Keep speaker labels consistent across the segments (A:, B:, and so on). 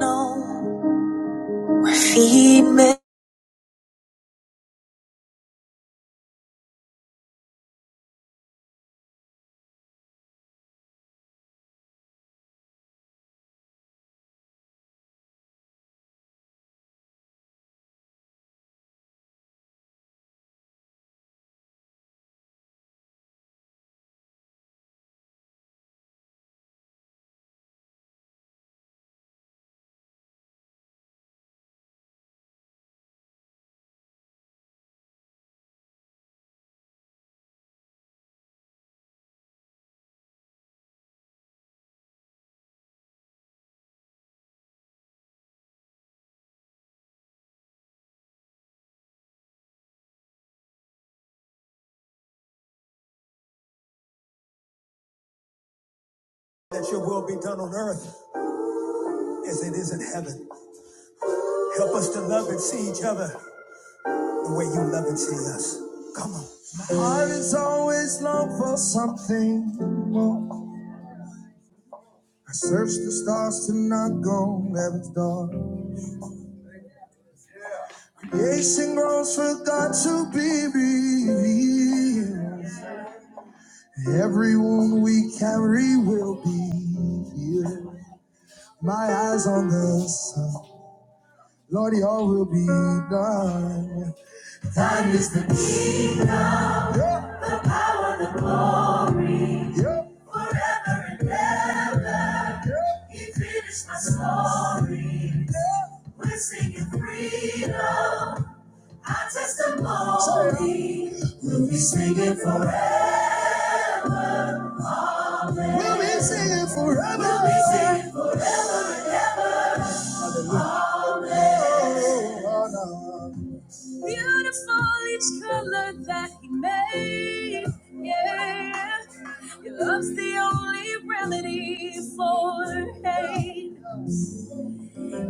A: no That your will be done on earth as it is in heaven. Help us to love and see each other the way you love and see us. Heart is always long for something more. I search the stars to not go where it's dark. Creation grows for God to be revealed. Every wound we carry will be healed. My eyes on the sun, Lord, your will be done. God is the kingdom. yeah, yeah, yeah, yeah. When you're free, we'll be singing forever. We'll be singing forever. We'll be singing forever. Beautiful each color that he made. Yeah. Your love's the only remedy for hate.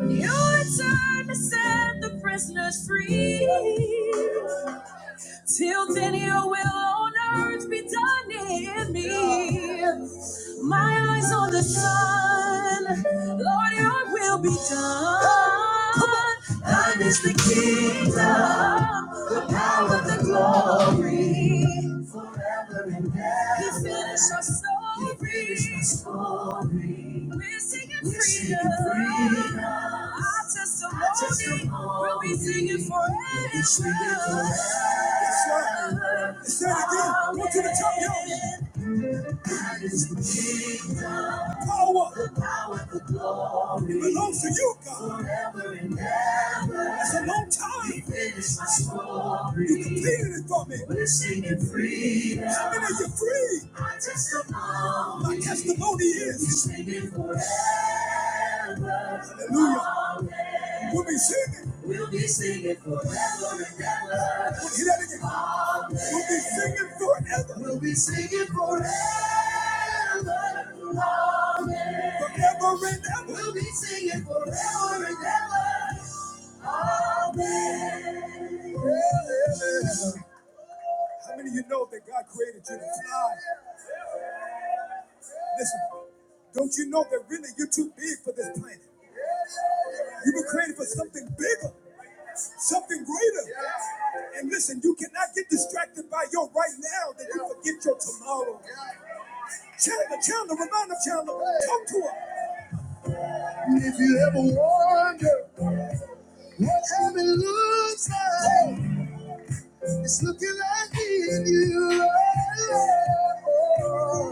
A: You return to set the prisoners free. Till then, your will on earth be done in me. My eyes on the sun, Lord, your will be done. Thine is the kingdom, the power, the glory. He finished our story. We're singing freedom. freedom. Our testimony, we'll be singing forever. We'll be singing forever. That's right. It's that again. Go to the top, y'all. Power belongs to you, God. It's a long time. You completed it for me. How many of you free? My testimony is. Hallelujah. We'll be singing. We'll be singing forever and ever. Hear that again. We'll be singing forever, forever and ever. How many of you know that God created you to fly? Listen, don't you know that really you're too big for this planet? You were created for something bigger, something greater. And listen, you cannot get distracted by your right now that you forget your tomorrow. Chandler, Chandler, remind them, Chandler, talk to her. If you ever wonder what heaven looks like, it's looking like me and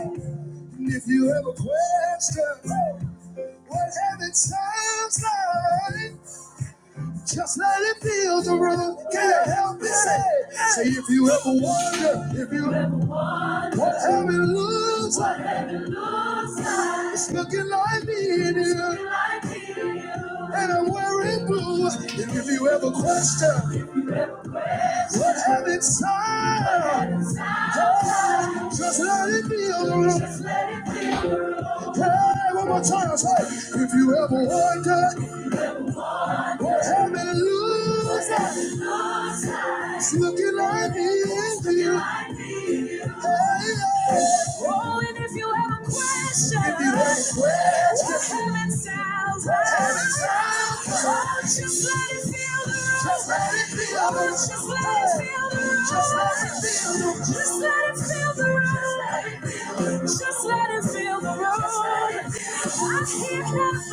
A: you. If you have a question, what heaven sounds like, just let it feel the rhythm. Can't help it. Say, say if you ever wonder, if you ever wonder what heaven looks like, it's looking like me and you, and I'm wearing blue. And if you ever question what heaven sounds like, just let it feel the rhythm. Hey, one more time. Say, if you ever wonder. home and lose. It's looking like the end for you. Hey, yeah. Oh, and if you have a question, if you have a question, come and sound. Oh, just let it feel the room. Just let it feel the room. Just let it feel the room. Just let it feel the room. Just let it feel the room. Just let it feel the room. He's coming, he's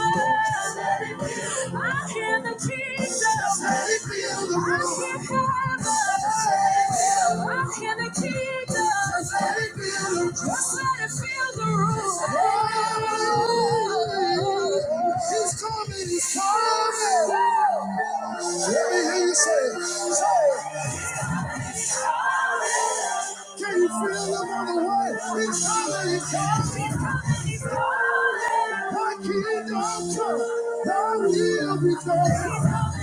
A: coming. Let me hear you say, say, can you feel the mighty way? It's coming, it's coming, it's coming, it's coming. My kingdom come, thy will be done.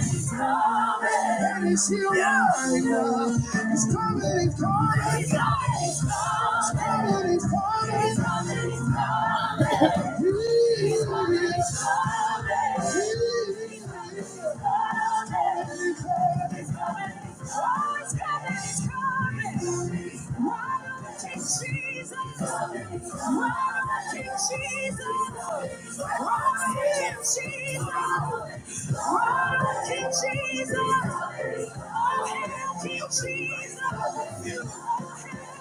A: And it's here right now. It's coming, it's coming, it's coming, it's coming. It's coming, it's coming, it's coming, it's coming. Jesus, Jesus, Jesus, Jesus, Jesus! Oh, hail King Jesus! Oh, Oh,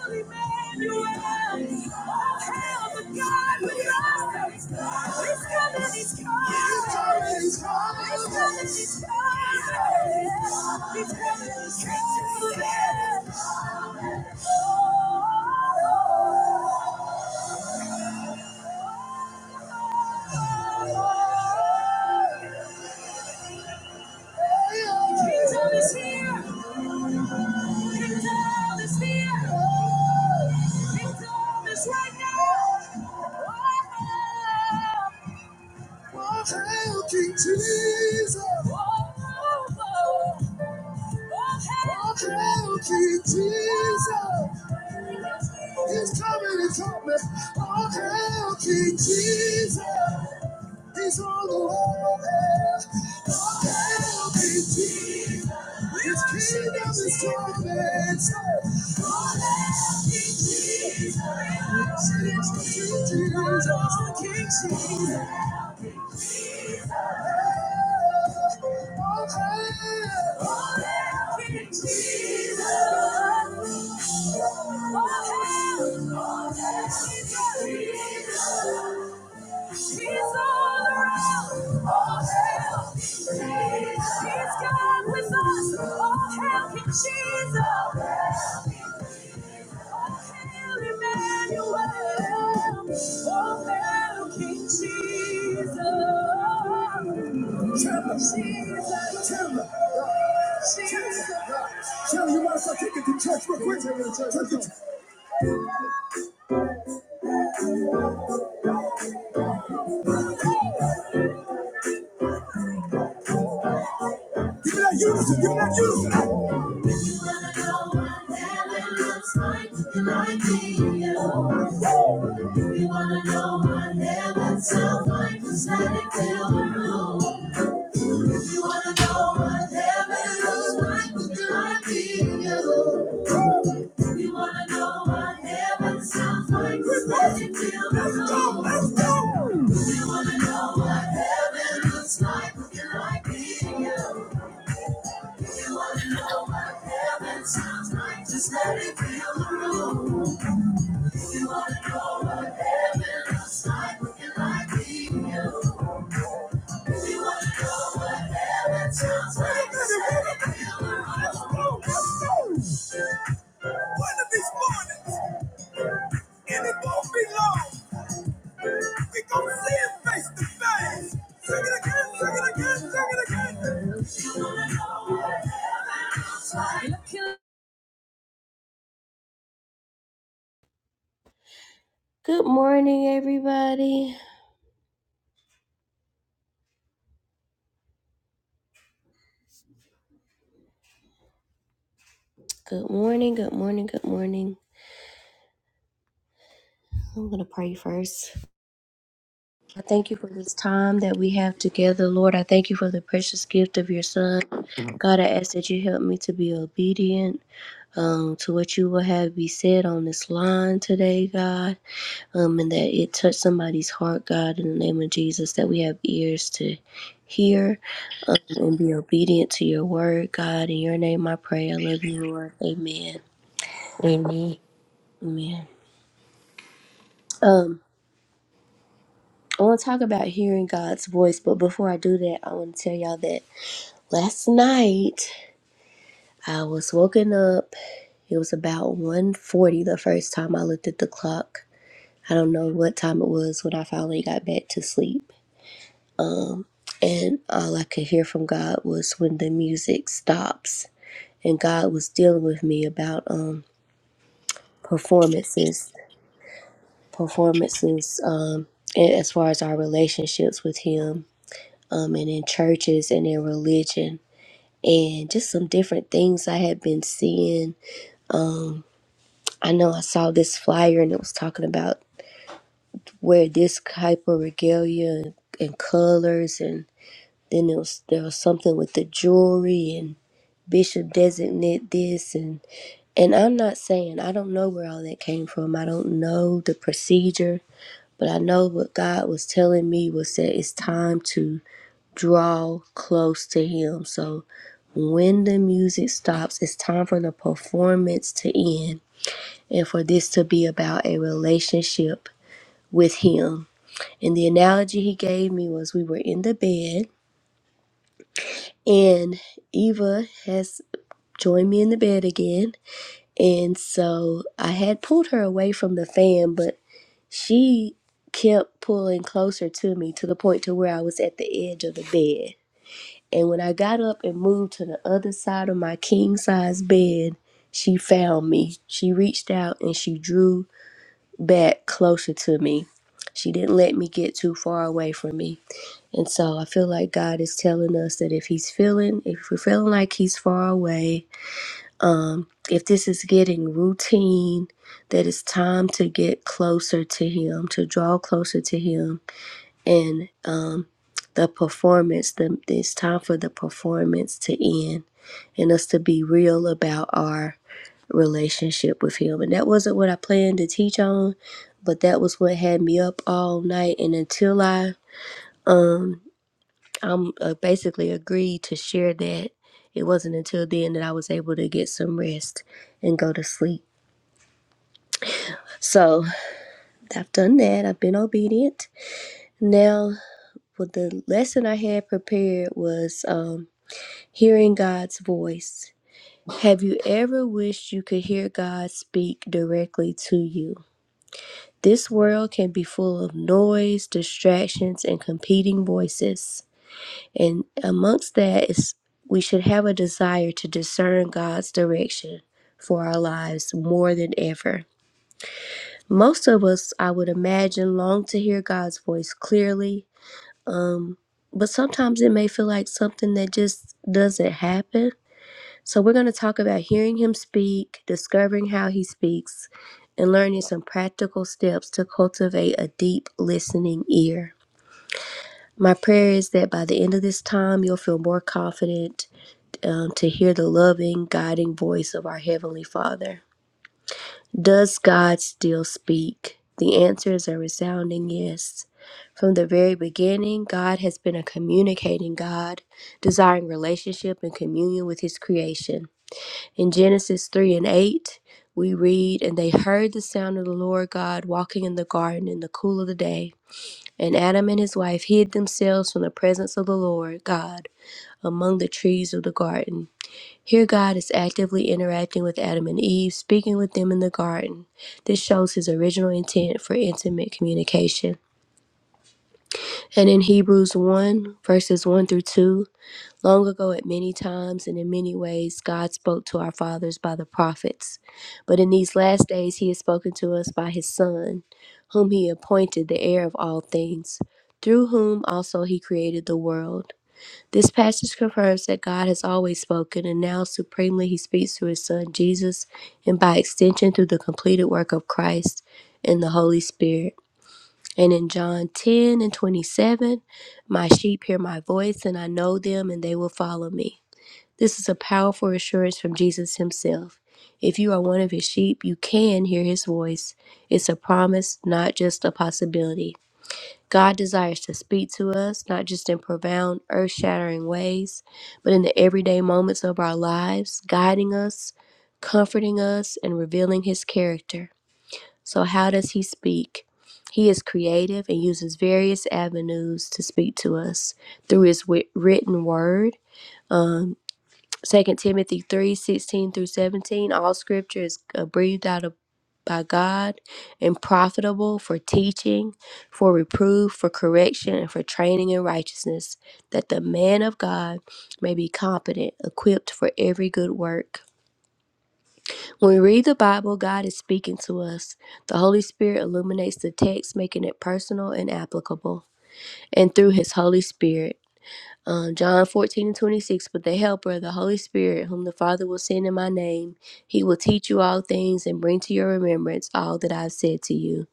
A: Oh, Emmanuel! the God He's He's He's He's He's coming. He's coming, coming! coming, coming! coming, he's coming! Kingdom is here. Kingdom is here. Kingdom is right now. Oh, hail King Jesus. Oh, oh, oh. Oh, hail King Jesus. He's coming, he's coming. Oh, hail King Jesus. He's on the way. Oh, hail King Jesus. His kingdom is coming. Say, Oh, hail King Jesus. Say, Oh, King Jesus. King Jesus. Jesus, Jesus, Sharon, you might as well take it to church real quick. Give me that unison. Give me that unison. You wanna know what heaven looks like, it might be you. You wanna know what heaven sounds like, just let it fill the room. You wanna know what heaven looks like, it might be you. You wanna know what heaven sounds like, just let it fill the room. If If you you. If you wanna wanna know know what what heaven sounds like, just let it fill the room. If you want to know what heaven looks like, like like, being you. If you want to know what heaven sounds like, just let it fill the room. One of these mornings, and it won't be long, we gonna see it face to face. Sing it again, sing it again, sing it again. Good morning, everybody. Good morning, good morning, good morning. I'm going to pray first. I thank you for this time that we have together, Lord. I thank you for the precious gift of your son. God, I ask that you help me to be obedient um, to what you will have be said on this line today, God, um, and that it touch somebody's heart, God, in the name of Jesus, that we have ears to hear um, and be obedient to your word, God. In your name I pray. I love you, Lord. Amen.
B: Amen.
A: Amen. Um, I want to talk about hearing God's voice, but before I do that, I want to tell y'all that last night I was woken up. It was about one forty. the first time I looked at the clock. I don't know what time it was when I finally got back to sleep. And all I could hear from God was when the music stops. And God was dealing with me about um performances, performances, um, a- as far as our relationships with Him, um, and in churches and in religion and just some different things I had been seeing. I know I saw this flyer and it was talking about wear this type of regalia and, and colors, and then it was there was something with the jewelry and bishop designate this and and I'm not saying I don't know where all that came from. I don't know the procedure, but I know what God was telling me was that it's time to draw close to Him. So when the music stops, it's time for the performance to end and for this to be about a relationship with Him. And the analogy he gave me was we were in the bed, and Eva has joined me in the bed again. And so I had pulled her away from the fan, but she kept pulling closer to me to the point to where I was at the edge of the bed. And when I got up and moved to the other side of my king size bed, she found me. She reached out and she drew back closer to me. She didn't let me get too far away from me. And so I feel like God is telling us that if He's feeling, if we're feeling like He's far away, um, if this is getting routine, that it's time to get closer to Him, to draw closer to Him. And um, the performance, the, it's time for the performance to end and us to be real about our relationship with Him. And that wasn't what I planned to teach on, but that was what had me up all night. And until I um I'm uh, basically agreed to share that, it wasn't until then that I was able to get some rest and go to sleep. So I've done that. I've been obedient. Now, what the lesson I had prepared was um, hearing God's voice Have you ever wished you could hear God speak directly to you? This world can be full of noise, distractions, and competing voices. And amongst that is we should have a desire to discern God's direction for our lives more than ever. Most of us, I would imagine, long to hear God's voice clearly. Um, but sometimes it may feel like something that just doesn't happen So, we're going to talk about hearing him speak, discovering how he speaks, and learning some practical steps to cultivate a deep listening ear. My prayer is that by the end of this time, you'll feel more confident um, to hear the loving, guiding voice of our Heavenly Father. Does God still speak? The answer is a resounding yes. From the very beginning, God has been a communicating God, desiring relationship and communion with His creation. In Genesis 3 and 8, we read, And they heard the sound of the Lord God walking in the garden in the cool of the day. And Adam and his wife hid themselves from the presence of the Lord God among the trees of the garden. Here, God is actively interacting with Adam and Eve, speaking with them in the garden. This shows his original intent for intimate communication. And in Hebrews 1, verses 1 through 2, Long ago, at many times and in many ways, God spoke to our fathers by the prophets. But in these last days, He has spoken to us by His Son, whom He appointed the heir of all things, through whom also He created the world. This passage confirms that God has always spoken, and now supremely He speaks through His Son Jesus, and by extension through the completed work of Christ and the Holy Spirit. And in John 10 and 27, my sheep hear my voice, and I know them, and they will follow me. This is a powerful assurance from Jesus himself. If you are one of his sheep, you can hear his voice. It's a promise, not just a possibility. God desires to speak to us, not just in profound, earth shattering ways, but in the everyday moments of our lives, guiding us, comforting us, and revealing his character. So, how does he speak? He is creative and uses various avenues to speak to us through his wi- written word. um, Second Timothy three sixteen through seventeen. All scripture is uh, breathed out of, by God and profitable for teaching, for reproof, for correction, and for training in righteousness, that the man of God may be competent, equipped for every good work. When we read the Bible, God is speaking to us. The Holy Spirit illuminates the text, making it personal and applicable, and through His Holy Spirit. Um, John 14 and 26, but the Helper, the Holy Spirit, whom the Father will send in my name, he will teach you all things and bring to your remembrance all that I've said to you.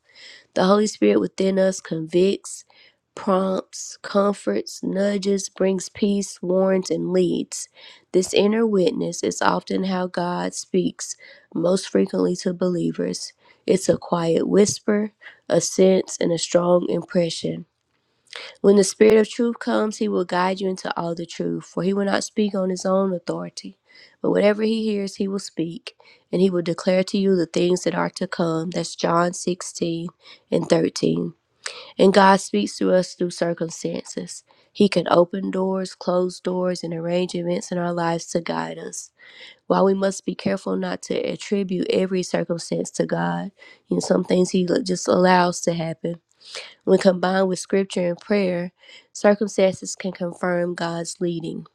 A: The Holy Spirit within us convicts, prompts, comforts, nudges, brings peace, warns, and leads. This inner witness is often how God speaks most frequently to believers. It's a quiet whisper, a sense, and a strong impression. When the Spirit of truth comes, he will guide you into all the truth, for he will not speak on his own authority. But whatever he hears, he will speak, and he will declare to you the things that are to come. That's John 16 and 13. And God speaks to us through circumstances. He can open doors, close doors, and arrange events in our lives to guide us. While we must be careful not to attribute every circumstance to God, you know, some things he just allows to happen when combined with scripture and prayer, circumstances can confirm God's leading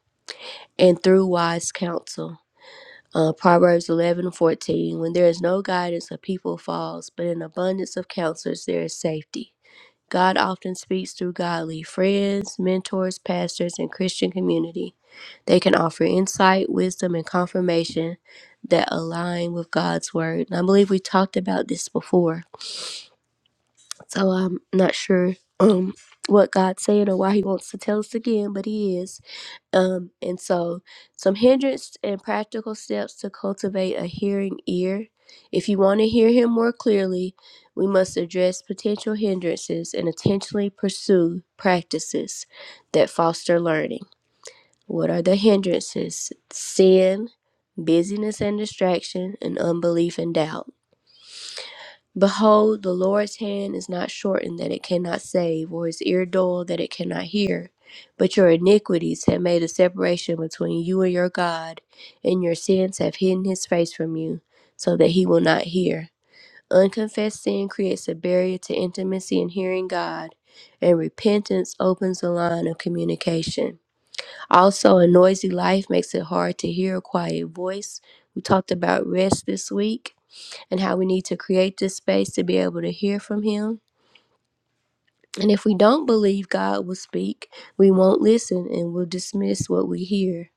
A: and through wise counsel. Uh, Proverbs 11 14: When there is no guidance, a people falls, but in abundance of counselors there is safety. God often speaks through godly friends, mentors, pastors, and Christian community. They can offer insight, wisdom, and confirmation that align with God's word. And I believe we talked about this before so I'm not sure um what God's saying or why he wants to tell us again, but he is. Um and so some hindrance and practical steps to cultivate a hearing ear. If you want to hear him more clearly, we must address potential hindrances and intentionally pursue practices that foster learning. What are the hindrances? Sin, busyness and distraction, and unbelief and doubt. Behold, the Lord's hand is not shortened that it cannot save, or his ear dull that it cannot hear. But your iniquities have made a separation between you and your God, and your sins have hidden his face from you, so that he will not hear. Unconfessed sin creates a barrier to intimacy and hearing God, and repentance opens the line of communication. Also, a noisy life makes it hard to hear a quiet voice. We talked about rest this week and how we need to create this space to be able to hear from Him. And if we don't believe God will speak, we won't listen and we'll dismiss what we hear.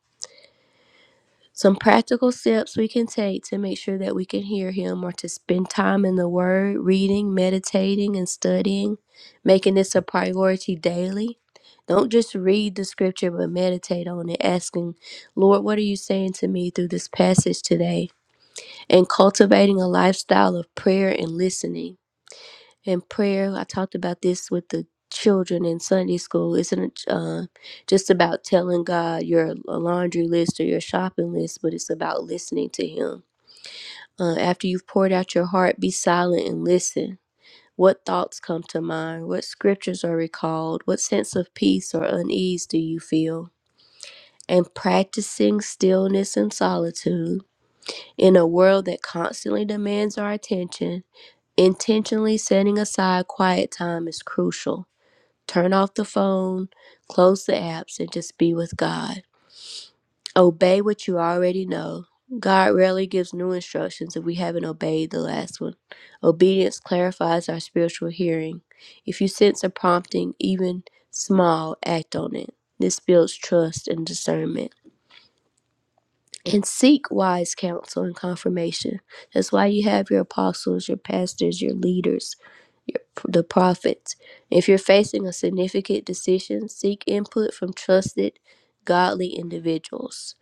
A: Some practical steps we can take to make sure that we can hear Him are to spend time in the Word, reading, meditating, and studying, making this a priority daily. Don't just read the scripture, but meditate on it, asking, Lord, what are you saying to me through this passage today? And cultivating a lifestyle of prayer and listening and prayer. I talked about this with the children in Sunday school. Isn't uh, just about telling God your laundry list or your shopping list, but it's about listening to Him. Uh, after you've poured out your heart, be silent and listen. What thoughts come to mind? What scriptures are recalled? What sense of peace or unease do you feel? And practicing stillness and solitude in a world that constantly demands our attention, intentionally setting aside quiet time is crucial. Turn off the phone, close the apps, and just be with God. Obey what you already know. God rarely gives new instructions if we haven't obeyed the last one. Obedience clarifies our spiritual hearing. If you sense a prompting, even small, act on it. This builds trust and discernment. And seek wise counsel and confirmation. That's why you have your apostles, your pastors, your leaders your, the prophets. If you're facing a significant decision, seek input from trusted, godly individuals.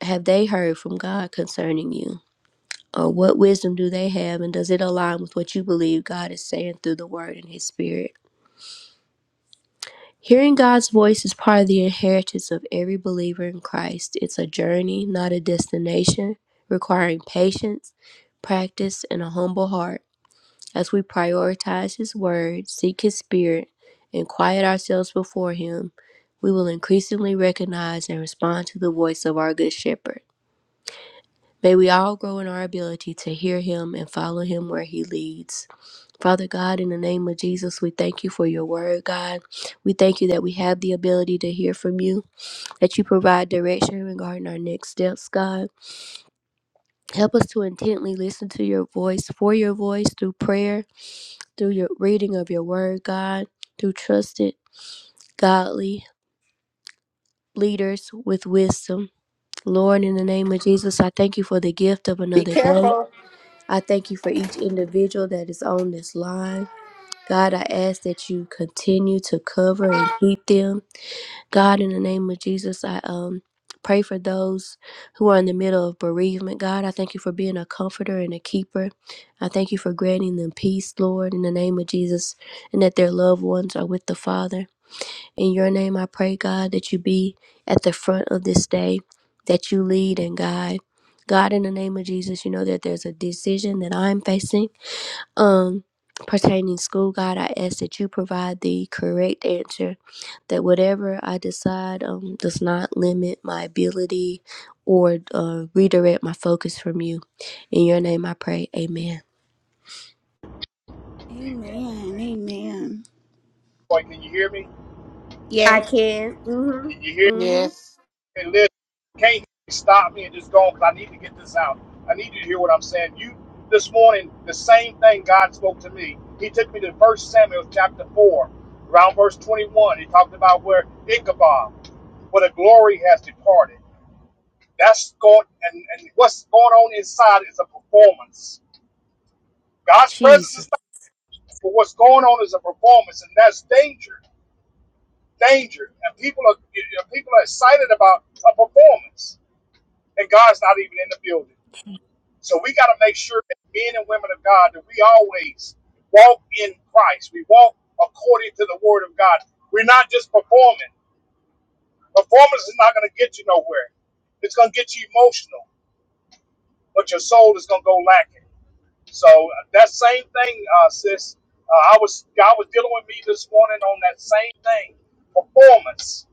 A: Have they heard from God concerning you? Or what wisdom do they have, and does it align with what you believe God is saying through the Word and His Spirit? Hearing God's voice is part of the inheritance of every believer in Christ. It's a journey, not a destination, requiring patience, practice, and a humble heart. As we prioritize His Word, seek His Spirit, and quiet ourselves before Him, we will increasingly recognize and respond to the voice of our Good Shepherd. May we all grow in our ability to hear Him and follow Him where He leads. Father God, in the name of Jesus, we thank you for your word, God. We thank you that we have the ability to hear from you, that you provide direction regarding our next steps, God. Help us to intently listen to your voice, for your voice, through prayer, through your reading of your word, God, through trusted, godly leaders with wisdom. Lord, in the name of Jesus, I thank you for the gift of another day. I thank you for each individual that is on this line. God, I ask that you continue to cover and keep them. God, in the name of Jesus, I um pray for those who are in the middle of bereavement. God, I thank you for being a comforter and a keeper. I thank you for granting them peace, Lord, in the name of Jesus, and that their loved ones are with the Father. In your name, I pray, God, that you be at the front of this day, that you lead and guide. God, in the name of Jesus, you know that there's a decision that I'm facing um pertaining school god i ask that you provide the correct answer that whatever i decide um does not limit my ability or uh, redirect my focus from you in your name i pray amen
C: Amen.
D: Amen.
C: Amen.
D: Amen.
C: Boy, can you hear me?
D: Yes.
C: Can you hear me?
A: mm-hmm.
B: Yes.
C: Hey, listen, you can't stop me and just go cause I need to get this out. I need you to hear what I'm saying. You this morning, the same thing God spoke to me. He took me to First Samuel chapter 4, around verse 21. He talked about where Ichabod, where the glory has departed. That's going and, and what's going on inside is a performance. God's presence is not, but what's going on is a performance, and that's danger. danger, and people are people are excited about a performance, and God's not even in the building. So we got to make sure that men and women of God that we always walk in Christ. We walk according to the Word of God. We're not just performing. Performance is not going to get you nowhere. It's going to get you emotional, but your soul is going to go lacking. So uh, that same thing, uh, sis. Uh, I was God was dealing with me this morning on that same thing, performance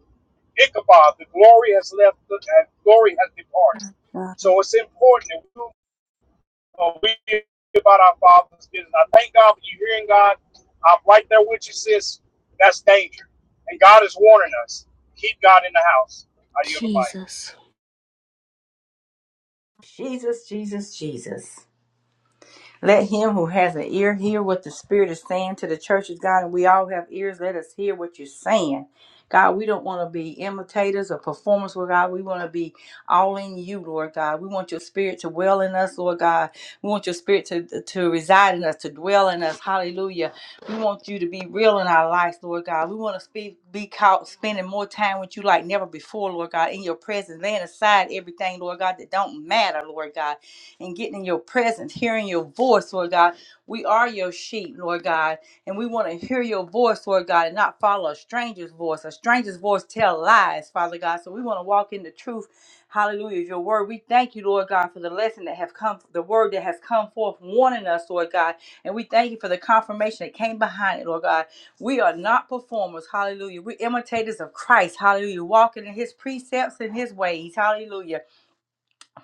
C: Ichabod, the glory has left and glory has departed.
A: Uh,
C: So it's important that we uh, we think about our father's business. I thank God for you hearing God. I'm right there with you, sis. That's danger. And God is warning us. Keep God in the house. I yield the
A: jesus
E: Jesus, Jesus, Jesus. Let him who has an ear hear what the Spirit is saying to the churches, God. And we all have ears. Let us hear what you're saying. God, we don't want to be imitators or performers, Lord God. We want to be all in you, Lord God. We want your spirit to dwell in us, Lord God. We want your spirit to, to reside in us, to dwell in us. Hallelujah. We want you to be real in our lives, Lord God. We want to speak, be caught spending more time with you like never before, Lord God, in your presence, laying aside everything, Lord God, that don't matter, Lord God and getting in your presence, hearing your voice, Lord God. We are your sheep, Lord God, and we want to hear your voice, Lord God, and not follow a stranger's voice. A stranger's voice tell lies, Father God. So we want to walk in the truth. Hallelujah. Your word. We thank you, Lord God, for the lesson that have come, the word that has come forth, warning us, Lord God. And we thank you for the confirmation that came behind it, Lord God. We are not performers. Hallelujah. We're imitators of Christ. Hallelujah. Walking in his precepts and his ways. Hallelujah.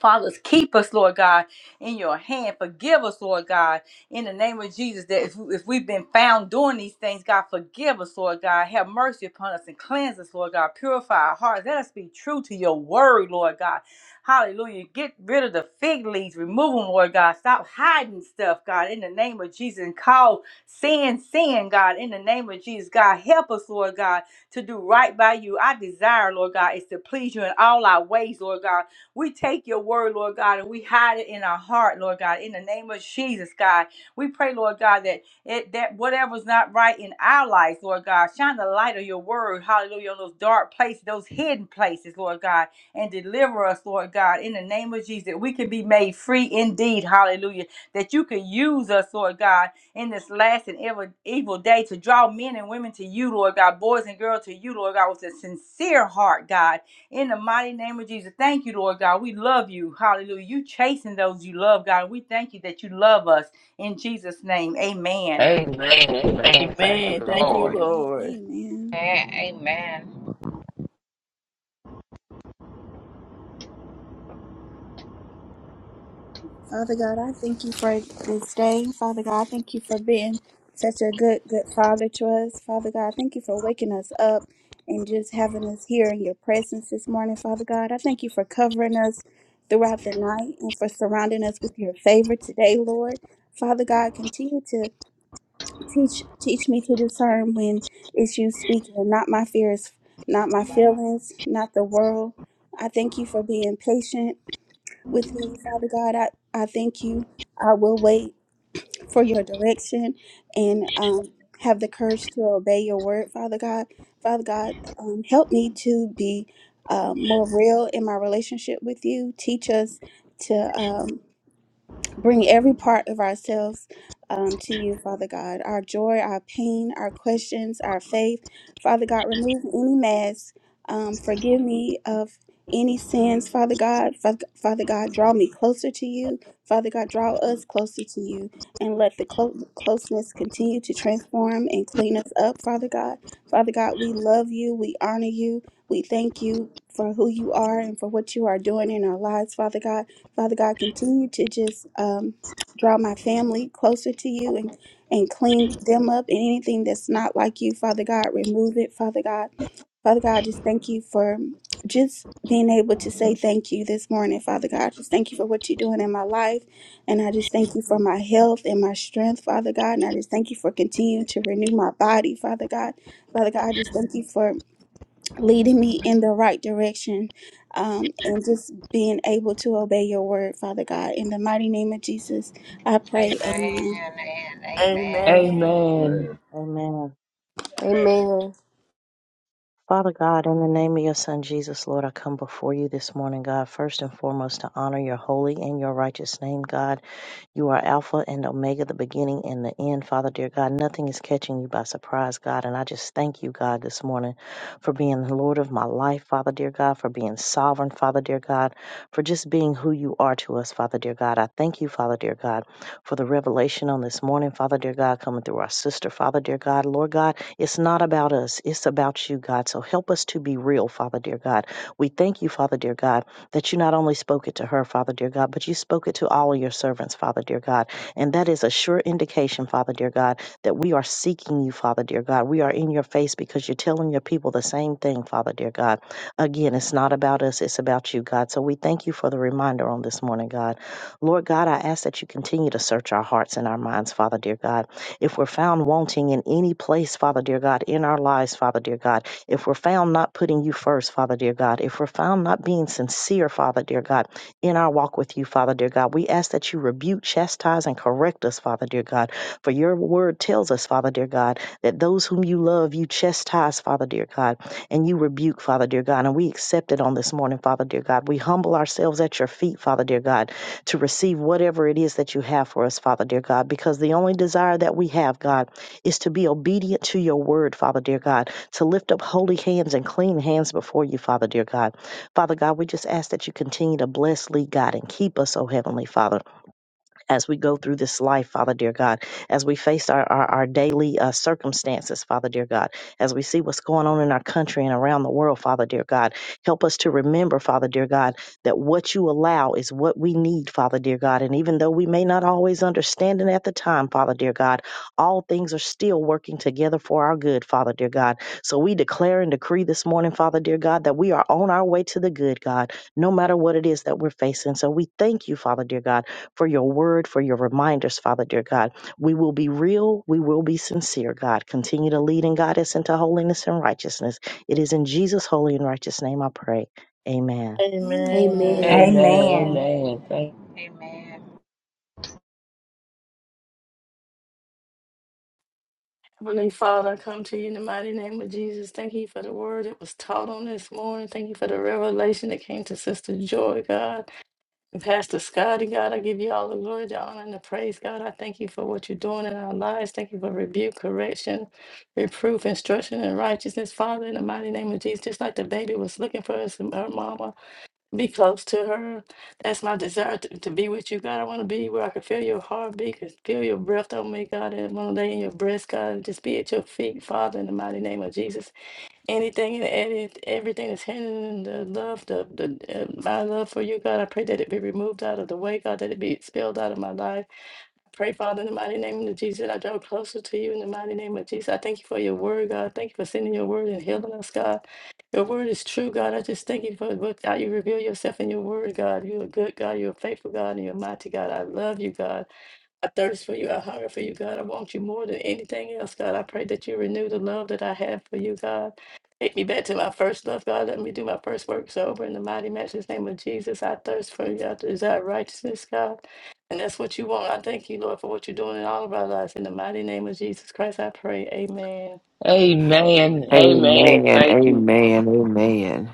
E: Fathers, keep us, Lord God, in your hand. Forgive us, Lord God, in the name of Jesus. That if, if we've been found doing these things, God, forgive us, Lord God. Have mercy upon us and cleanse us, Lord God. Purify our hearts. Let us be true to your word, Lord God. Hallelujah. Get rid of the fig leaves. Remove them, Lord God. Stop hiding stuff, God, in the name of Jesus. And call sin, sin, God, in the name of Jesus. God, help us, Lord God, to do right by you. Our desire, Lord God, is to please you in all our ways, Lord God. We take your word, Lord God, and we hide it in our heart, Lord God, in the name of Jesus, God. We pray, Lord God, that it that whatever's not right in our lives, Lord God, shine the light of your word, hallelujah, on those dark places, those hidden places, Lord God, and deliver us, Lord God, in the name of Jesus, that we can be made free indeed, hallelujah, that you can use us, Lord God, in this last and ever evil day to draw men and women to you, Lord God, boys and girls to you, Lord God, with a sincere heart, God in the mighty name of Jesus, thank you, Lord God. We love you. Hallelujah. You chasing those you love, God. We thank you that you love us. In Jesus' name, amen.
F: Amen. Amen. Thank
G: Amen.
F: you,
G: Thank you,
F: Lord.
D: Amen.
G: Lord.
D: Amen.
H: Amen.
D: Father God, I thank you for this day. Father God, I thank you for being such a good, good father to us. Father God, thank you for waking us up and just having us here in your presence this morning. Father God, I thank you for covering us throughout the night and for surrounding us with your favor today, Lord. Father God, continue to Teach teach me to discern when it's you speaking, not my fears, not my feelings, not the world. I thank you for being patient with me, Father God. I, I thank you. I will wait for your direction and um, have the courage to obey your word, Father God. Father God, um, help me to be uh, more real in my relationship with you. Teach us to. Um, bring every part of ourselves um, to you, Father God. Our joy, our pain, our questions, our faith. Father God, remove any mask. Um, forgive me of any sins, Father God. Fa- Father God, draw me closer to you. Father God, draw us closer to you and let the clo- closeness continue to transform and clean us up, Father God. Father God, we love you. We honor you. We thank you for who you are and for what you are doing in our lives, Father God. Father God, continue to just um, draw my family closer to you and, and clean them up. And anything that's not like you, Father God, remove it, Father God. Father God, just thank you for just being able to say thank you this morning, Father God. Just thank you for what you're doing in my life. And I just thank you for my health and my strength, Father God. And I just thank you for continuing to renew my body, Father God. Father God, I just thank you for leading me in the right direction um, and just being able to obey your word, Father God. In the mighty name of Jesus, I
H: Amen. And
D: pray. Amen.
H: amen. Amen.
G: Amen.
F: Amen.
I: Amen.
J: Amen.
C: mic. Man,
A: amen
J: Father God, in the name of your Son Jesus, Lord, I come before you this morning, God, first and foremost to honor your holy and your righteous name, God. You are Alpha and Omega, the beginning and the end, Father dear God. Nothing is catching you by surprise, God. And I just thank you, God, this morning for being the Lord of my life, Father dear God, for being sovereign, Father dear God, for just being who you are to us, Father dear God. I thank you, Father dear God, for the revelation on this morning, Father dear God, coming through our sister, Father dear God. Lord God, it's not about us, it's about you, God. So help us to be real, Father dear God. We thank you, Father dear God that you not only spoke it to her, Father dear God, but you spoke it to all of your servants, Father dear God. And that is a sure indication, Father dear God, that we are seeking you, Father dear God. We are in your face because you're telling your people the same thing, Father dear God. Again, it's not about us, it's about you, God. So we thank you for the reminder on this morning, God. Lord God, I ask that you continue to search our hearts and our minds, Father dear God. If we're found wanting in any place, Father dear God, in our lives, Father dear God, if we're found not putting you first, Father dear God, if we're found not being sincere, Father dear God, in our walk with you, Father dear God, we ask that you rebuke, chastise, and correct us, Father dear God. For your word tells us, Father dear God, that those whom you love, you chastise, Father dear God, and you rebuke, Father dear God. And we accept it on this morning, Father dear God. We humble ourselves at your feet, Father dear God, to receive whatever it is that you have for us, Father dear God, because the only desire that we have, God, is to be obedient to your word, Father dear God to lift up holy hands and clean hands before you, Father, dear God. Father God, we just ask that you continue to bless, lead, God, and keep us, oh Heavenly Father as we go through this life, Father dear God, as we face our, our, our daily uh, circumstances, Father dear God, as we see what's going on in our country and around the world, Father dear God, help us to remember, Father dear God, that what you allow is what we need, Father dear God. And even though we may not always understand it at the time, Father dear God, all things are still working together for our good, Father dear God. So we declare and decree this morning, Father dear God, that we are on our way to the good, God, no matter what it is that we're facing. So we thank you, Father dear God for your word, for your reminders, Father dear God. We will be real. We will be sincere, God. Continue to lead and guide us into holiness and righteousness. It is in Jesus' holy and righteous name I pray. Amen.
G: Amen.
A: amen
G: Thank you,
F: Amen.
E: Amen.
G: Lord.
F: Amen. Thank
H: Amen.
G: Heavenly Father, I come to you in the mighty name of Jesus. Thank you for the word that was taught on this morning. Thank you for the revelation that came to Sister Joy, God. And Pastor Scotty, God, I give you all the glory, the honor, and the praise, God. I thank you for what you're doing in our lives. Thank you for rebuke, correction, reproof, instruction, and righteousness, Father, in the mighty name of Jesus. Just like the baby was looking for us, her mama, Be close to her. That's my desire to, to be with you, God. I want to be where I can feel your heartbeat, can feel your breath on me, God. And want to in your breast, God, and just be at your feet, Father, in the mighty name of Jesus. Anything and edit, everything that's hindering the love, the, the uh, my love for you, God. I pray that it be removed out of the way, God. That it be expelled out of my life. Pray, Father, in the mighty name of Jesus, I draw closer to you in the mighty name of Jesus. I thank you for your word, God. Thank you for sending your word and healing us, God. Your word is true, God. I just thank you for what- how you reveal yourself in your word, God. You're a good God. You're a faithful God, and you're a mighty God. I love you, God. I thirst for you. I hunger for you, God. I want you more than anything else, God. I pray that you renew the love that I have for you, God. Take me back to my first love, God. Let me do my first work sober in the mighty matchless name of Jesus. I thirst for you. I desire righteousness, God. And that's what you want. I thank you, Lord, for what you're doing in all of our lives. In the mighty name of Jesus Christ, I pray. Amen.
F: Amen. Amen.
K: Amen.
F: Thank you.
K: Amen. Amen.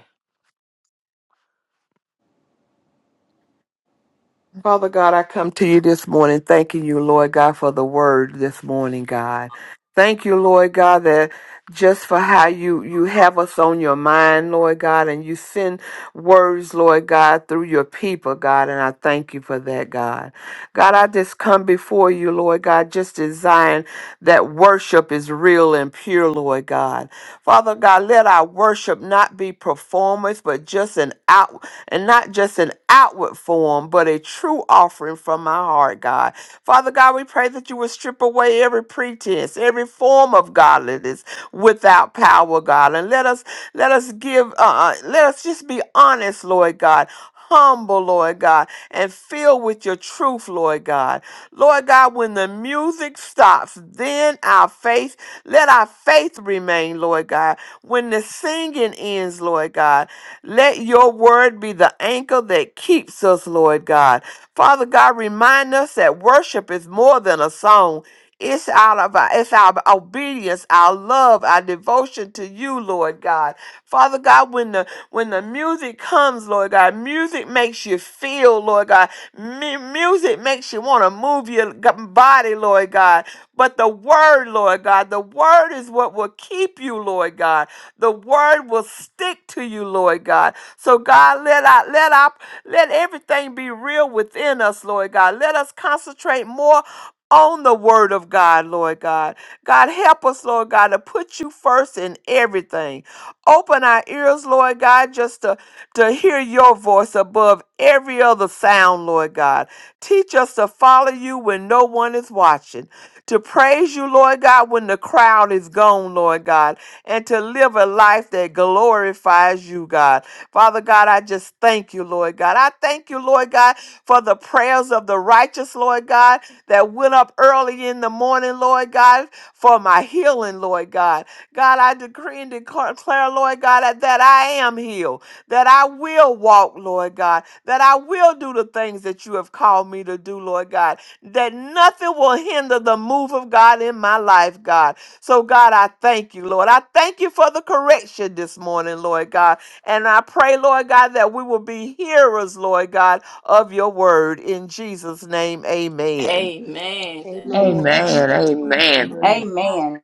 K: Father God, I come to you this morning thanking you, Lord God, for the word this morning, God. Thank you, Lord God, that just for how you, you have us on your mind, Lord God, and you send words, Lord God, through your people, God, and I thank you for that, God. God, I just come before you, Lord God, just desiring that worship is real and pure, Lord God. Father God, let our worship not be performance, but just an out and not just an outward form, but a true offering from my heart, God. Father God, we pray that you would strip away every pretense, every form of godliness without power, God. And let us let us give uh uh, let us just be honest, Lord God humble, Lord God, and filled with your truth, Lord God. Lord God, when the music stops, then our faith, let our faith remain, Lord God. When the singing ends, Lord God, let your word be the anchor that keeps us, Lord God. Father God, remind us that worship is more than a song. It's out of our, it's our obedience, our love, our devotion to you, Lord God. Father God, when the when the music comes, Lord God, music makes you feel, Lord God. Mu- music makes you want to move your g- body, Lord God. But the word, Lord God, the word is what will keep you, Lord God. The word will stick to you, Lord God. So God, let our let our let everything be real within us, Lord God. Let us concentrate more on the word of God, Lord God. God, help us, Lord God, to put you first in everything. Open our ears, Lord God, just to, to hear your voice above every other sound, Lord God. Teach us to follow you when no one is watching, to praise you, Lord God, when the crowd is gone, Lord God, and to live a life that glorifies you, God. Father God, I just thank you, Lord God. I thank you, Lord God, for the prayers of the righteous, Lord God, that went up early in the morning, Lord God, for my healing, Lord God. God, I decree and declare, Lord God, that, that I am healed, that I will walk, Lord God, that I will do the things that you have called me to do, Lord God, that nothing will hinder the move of God in my life, God. So, God, I thank you, Lord. I thank you for the correction this morning, Lord God. And I pray, Lord God, that we will be hearers, Lord God, of your word. In Jesus' name, amen.
G: Amen.
A: amen
F: Amen. Amen.
I: Amen.
E: Amen.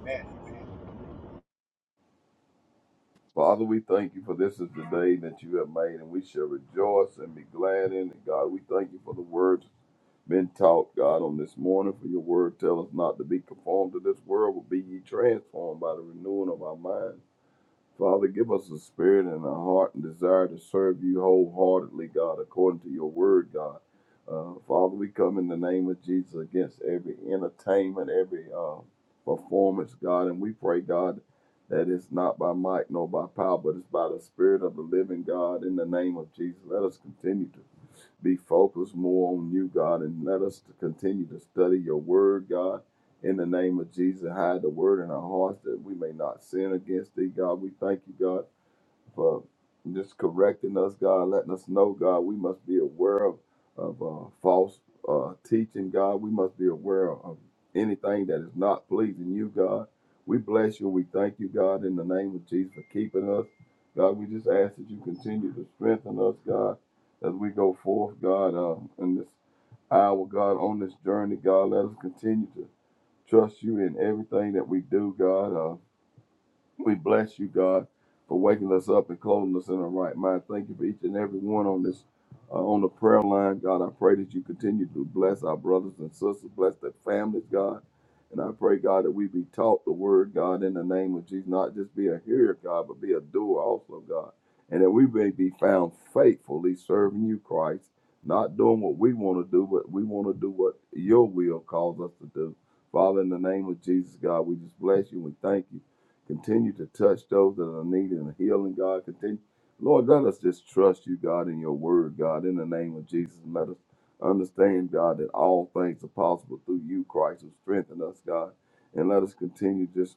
C: amen.
I: Father, we thank you for this is the day that you have made, and we shall rejoice and be glad in it. God, we thank you for the words been taught, God, on this morning. For your word, tell us not to be conformed to this world, but be ye transformed by the renewing of our mind. Father, give us a spirit and a heart and desire to serve you wholeheartedly, God, according to your word, God. Uh, Father, we come in the name of Jesus against every entertainment, every uh, performance, God, and we pray, God, that it's not by might nor by power, but it's by the Spirit of the living God in the name of Jesus. Let us continue to be focused more on you, God, and let us to continue to study your word, God. In the name of Jesus, hide the word in our hearts that we may not sin against thee, God. We thank you, God for just correcting us, God, letting us know, God, we must be aware of, of uh, false uh, teaching, God. We must be aware of anything that is not pleasing you, God. We bless you. We thank you, God, in the name of Jesus for keeping us. God, we just ask that you continue to strengthen us, God, as we go forth, God, uh, in this hour, God, on this journey, God. Let us continue to trust you in everything that we do, God. Uh, we bless you, God, for waking us up and clothing us in our right mind. Thank you for each and every one on this uh, on the prayer line, God. I pray that you continue to bless our brothers and sisters, bless their families, God. And I pray, God, that we be taught the word, God, in the name of Jesus, not just be a hearer, God, but be a doer also, God. And that we may be found faithfully serving you, Christ, not doing what we want to do, but we want to do what your will calls us to do. Father, in the name of Jesus, God, we just bless you and thank you. Continue to touch those that are needing healing, God. Continue. Lord, let us just trust you, God, in your word, God, in the name of Jesus. And let us understand, God, that all things are possible through you, Christ, who strengthen us, God. And let us continue just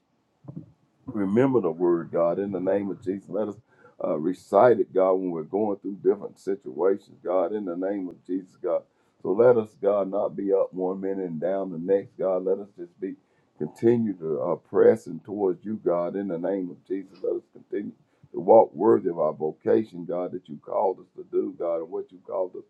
I: remember the word, God, in the name of Jesus. Let us uh, recite it, God, when we're going through different situations, God, in the name of Jesus, God. So let us, God, not be up one minute and down the next, God. Let us just be continue to uh, pressing towards you, God, in the name of Jesus. Let us continue to walk worthy of our vocation, God, that you called us to do, God, and what you called us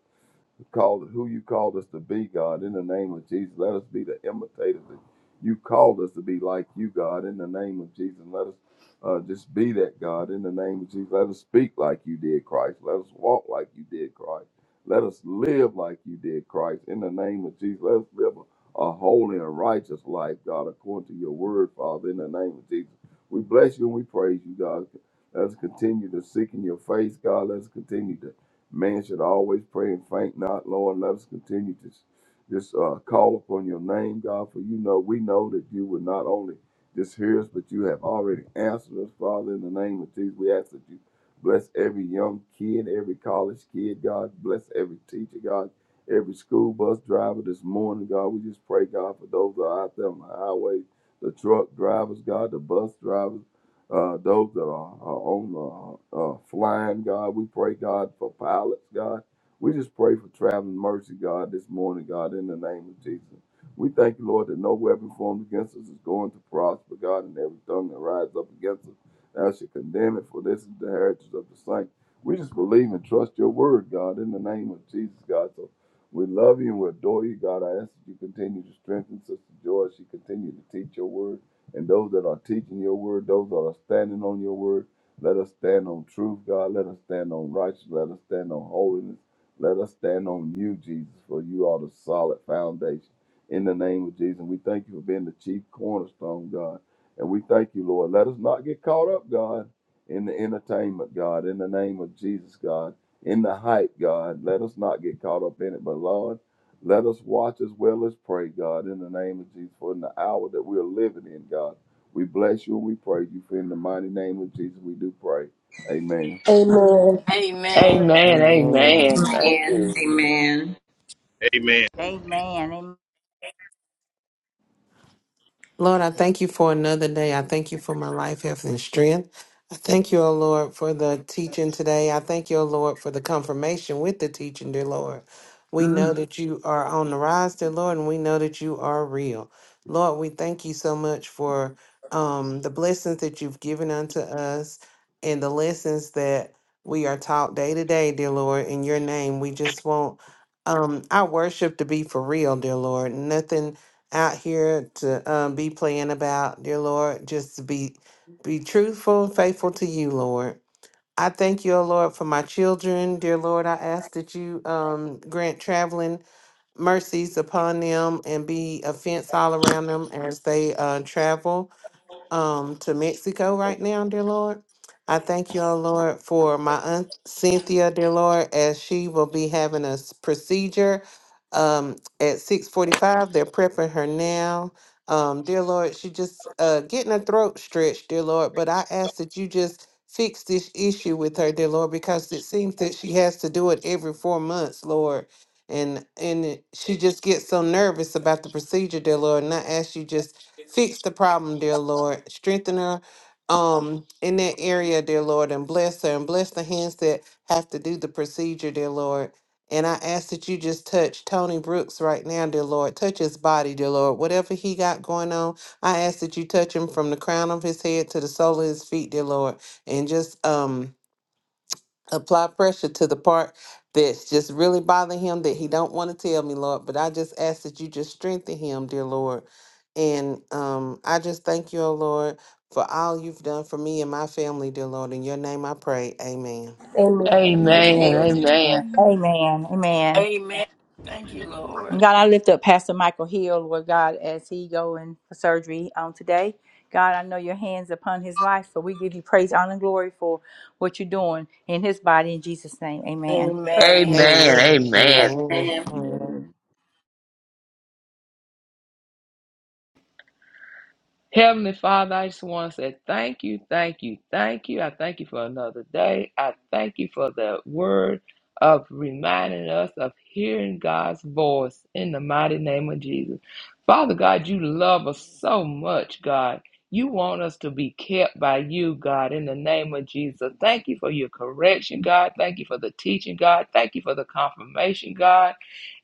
I: called who you called us to be, God. In the name of Jesus, let us be the imitators that you called us to be like you, God. In the name of Jesus, let us uh, just be that, God. In the name of Jesus, let us speak like you did, Christ. Let us walk like you did, Christ. Let us live like you did, Christ. In the name of Jesus, let us live a, a holy and righteous life, God, according to your word, Father. In the name of Jesus, we bless you and we praise you, God. Let us continue to seek in your face, God. Let us continue to Man should always pray and faint not. Lord, let us continue to s- just uh, call upon your name, God, for you know, we know that you will not only just hear us, but you have already answered us, Father, in the name of Jesus. We ask that you bless every young kid, every college kid, God. Bless every teacher, God. Every school bus driver this morning, God. We just pray, God, for those that are out there on the highway, the truck drivers, God, the bus drivers uh, those that are, are on uh, uh, flying, God. We pray, God, for pilots, God. We just pray for traveling mercy, God, this morning, God, in the name of Jesus. We thank you, Lord, that no weapon formed against us is going to prosper, God, and every tongue that rises up against us, thou shalt condemn it, for this is the heritage of the saints. We just believe and trust your word, God, in the name of Jesus, God. So we love you and we adore you, God. I ask that you continue to strengthen Sister Joy. as She continue to teach your word and those that are teaching your word, those that are standing on your word. Let us stand on truth, God. Let us stand on righteousness. Let us stand on holiness. Let us stand on you, Jesus, for you are the solid foundation. In the name of Jesus, we thank you for being the chief cornerstone, God. And we thank you, Lord. Let us not get caught up, God, in the entertainment, God. In the name of Jesus, God. In the hype, God. Let us not get caught up in it. But, Lord, let us watch as well as pray, God, in the name of Jesus, for in the hour that we are living in, God. We bless you and we praise you. For in the mighty name of Jesus, we do pray. Amen.
A: amen
G: Amen.
F: Amen.
K: Amen.
F: Amen. Thank you.
H: Amen.
E: Amen. Amen.
B: Lord, I thank you for another day. I thank you for my life, health, and strength. I thank you, O Lord, for the teaching today. I thank you, O Lord, for the confirmation with the teaching, dear Lord. We know
H: Mm.
B: that you are on the rise, dear Lord, and we know that you are real. Lord, we thank you so much for um, the blessings that you've given unto us and the lessons that we are taught day to day, dear Lord. In your name, we just want um, our worship to be for real, dear Lord. Nothing out here to um, be playing about, dear Lord. Just to be be truthful and faithful to you, Lord. I thank you, O Lord, for my children. Dear Lord, I ask that you um, grant traveling mercies upon them and be a fence all around them as they uh, travel um to Mexico right now, dear Lord. I thank you, oh Lord, for my aunt Cynthia, dear Lord, as she will be having a s- procedure um at 645. They're prepping her now. Um, dear Lord, she just uh getting her throat stretched, dear Lord. But I ask that you just fix this issue with her, dear Lord, because it seems that she has to do it every four months, Lord. And and it- she just gets so nervous about the procedure, dear Lord. And I ask you just Fix the problem, dear Lord. Strengthen her um in that area, dear Lord, and bless her and bless the hands that have to do the procedure, dear Lord. And I ask that you just touch Tony Brooks right now, dear Lord. Touch his body, dear Lord. Whatever he got going on, I ask that you touch him from the crown of his head to the sole of his feet, dear Lord. And just um apply pressure to the part that's just really bothering him that he don't want to tell me, Lord. But I just ask that you just strengthen him, dear Lord. And um, I just thank you, oh Lord, for all you've done for me and my family, dear Lord. In your name I pray. Amen.
A: amen
F: Amen.
H: Amen.
F: Amen.
E: Amen. Amen.
G: Amen. Thank you,
E: And
G: Lord.
E: God, I lift up Pastor Michael Hill, Lord God, as he going for surgery on today. God, I know your hands upon his life, so we give you praise, honor, and glory for what you're doing in his body. In Jesus' name, amen.
G: Amen.
F: Amen.
B: Amen.
F: Amen.
B: Amen.
H: Amen.
I: Amen.
F: Heavenly Father, I just want to say thank you, thank you, thank you. I thank you for another day. I thank you for the word of reminding us of hearing God's voice in the mighty name of Jesus. Father God, you love us so much, God. You want us to be kept by you, God, in the name of Jesus. Thank you for your correction, God. Thank you for the teaching, God. Thank you for the confirmation, God.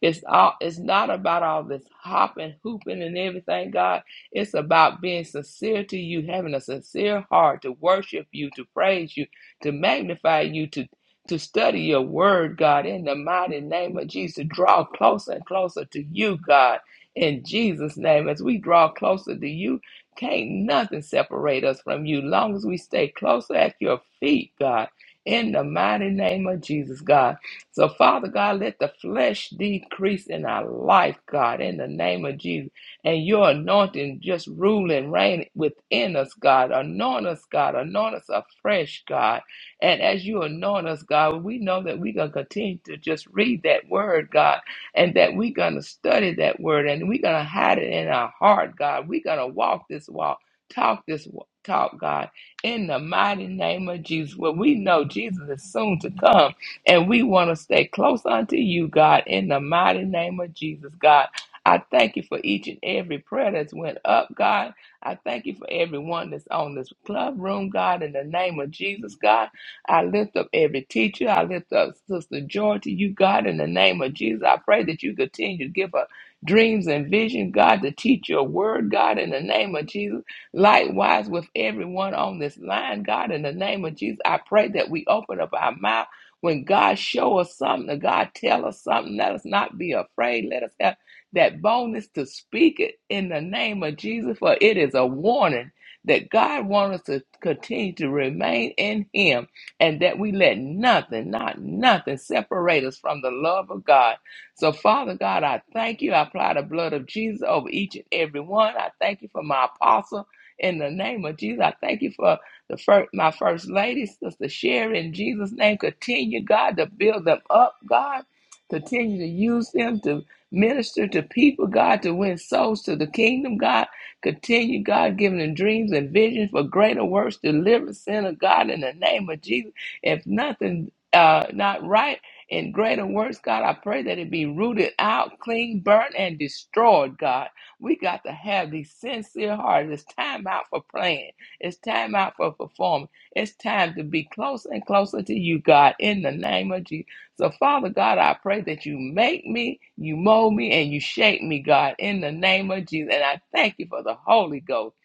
F: It's all it's not about all this hopping, hooping, and everything, God. It's about being sincere to you, having a sincere heart to worship you, to praise you, to magnify you, to to study your word, God, in the mighty name of Jesus. to Draw closer and closer to you, God, in Jesus' name. As we draw closer to you, can't nothing separate us from you. Long as we stay closer at your feet, God, in the mighty name of Jesus, God. So, Father God, let the flesh decrease in our life, God, in the name of Jesus and your anointing just rule and reign within us, God. Anoint us, God. Anoint us afresh, God. And as you anoint us, God, we know that we're going to continue to just read that word, God, and that we're going to study that word and we're going to hide it in our heart, God. We're going to walk this walk, talk this wa- Talk, God, in the mighty name of Jesus. Well, we know Jesus is soon to come, and we want to stay close unto you, God, in the mighty name of Jesus, God. I thank you for each and every prayer that's went up, God. I thank you for everyone that's on this club room, God, in the name of Jesus, God. I lift up every teacher. I lift up Sister Joy to you, God, in the name of Jesus. I pray that you continue to give her dreams and vision, God, to teach your word, God, in the name of Jesus. Likewise with everyone on this line, God, in the name of Jesus. I pray that we open up our mouth when God show us something, God tell us something, let us not be afraid. Let us have that boldness to speak it in the name of Jesus, for it is a warning that God wants us to continue to remain in Him and that we let nothing, not nothing, separate us from the love of God. So, Father God, I thank you. I apply the blood of Jesus over each and every one. I thank you for my apostle in the name of Jesus. I thank you for the first, my first lady, Sister Sherry, in Jesus' name. Continue, God, to build them up, God. Continue to use them to Minister to people, God, to win souls to the kingdom, God. Continue, God, giving them dreams and visions for greater works. Deliver sinner, God, in the name of Jesus. If nothing uh, not right in greater works, God, I pray that it be rooted out, clean, burnt, and destroyed, God. We got to have these sincere hearts. It's time out for playing. It's time out for performing. It's time to be closer and closer to you, God, in the name of Jesus. So, Father God, I pray that you make me, you mold me, and you shape me, God, in the name of Jesus. And I thank you for the Holy Ghost,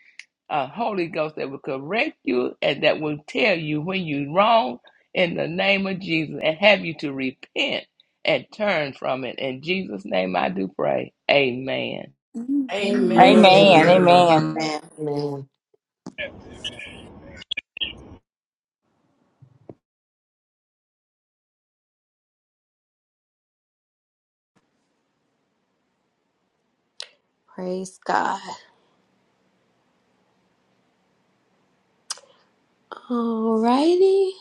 F: a Holy Ghost that will correct you and that will tell you when you're wrong in the name of Jesus and have you to repent and turn from it. In Jesus' name I do pray. Amen.
D: Amen.
A: amen
G: Amen.
E: Amen.
D: Amen.
B: Amen.
E: Amen.
I: Amen.
H: Amen.
B: Amen.
A: Praise God. Alrighty.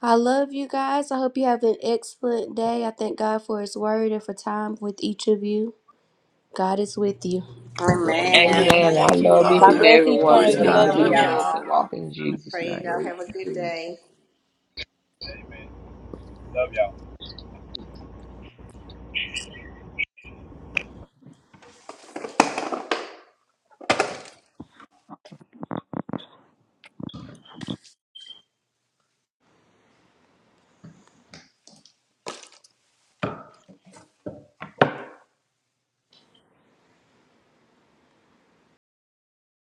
A: I love you guys. I hope you have an excellent day. I thank God for His word and for time with each of you. God is with you.
I: God bless
H: Amen.
G: Amen.
F: Amen.
I: you.
F: I
G: Thank
H: Thank
G: you,
F: love
H: you.
F: each
E: God
F: and
I: Praise
G: Father.
E: bless
F: every
E: each
H: Thank
I: you.
F: one.
E: one
G: Glory
E: of
H: you.
G: to
H: I
E: you.
G: God.
F: Continue
E: Love
F: to
H: love
G: Love
F: be
E: you.
G: y'all.
F: blessed and
H: y'all.
F: walk in
H: I
F: Jesus'
H: pray
F: name.
H: y'all
I: Praise
H: have a
I: you.
H: good
I: King.
H: day.
C: Amen. Love y'all.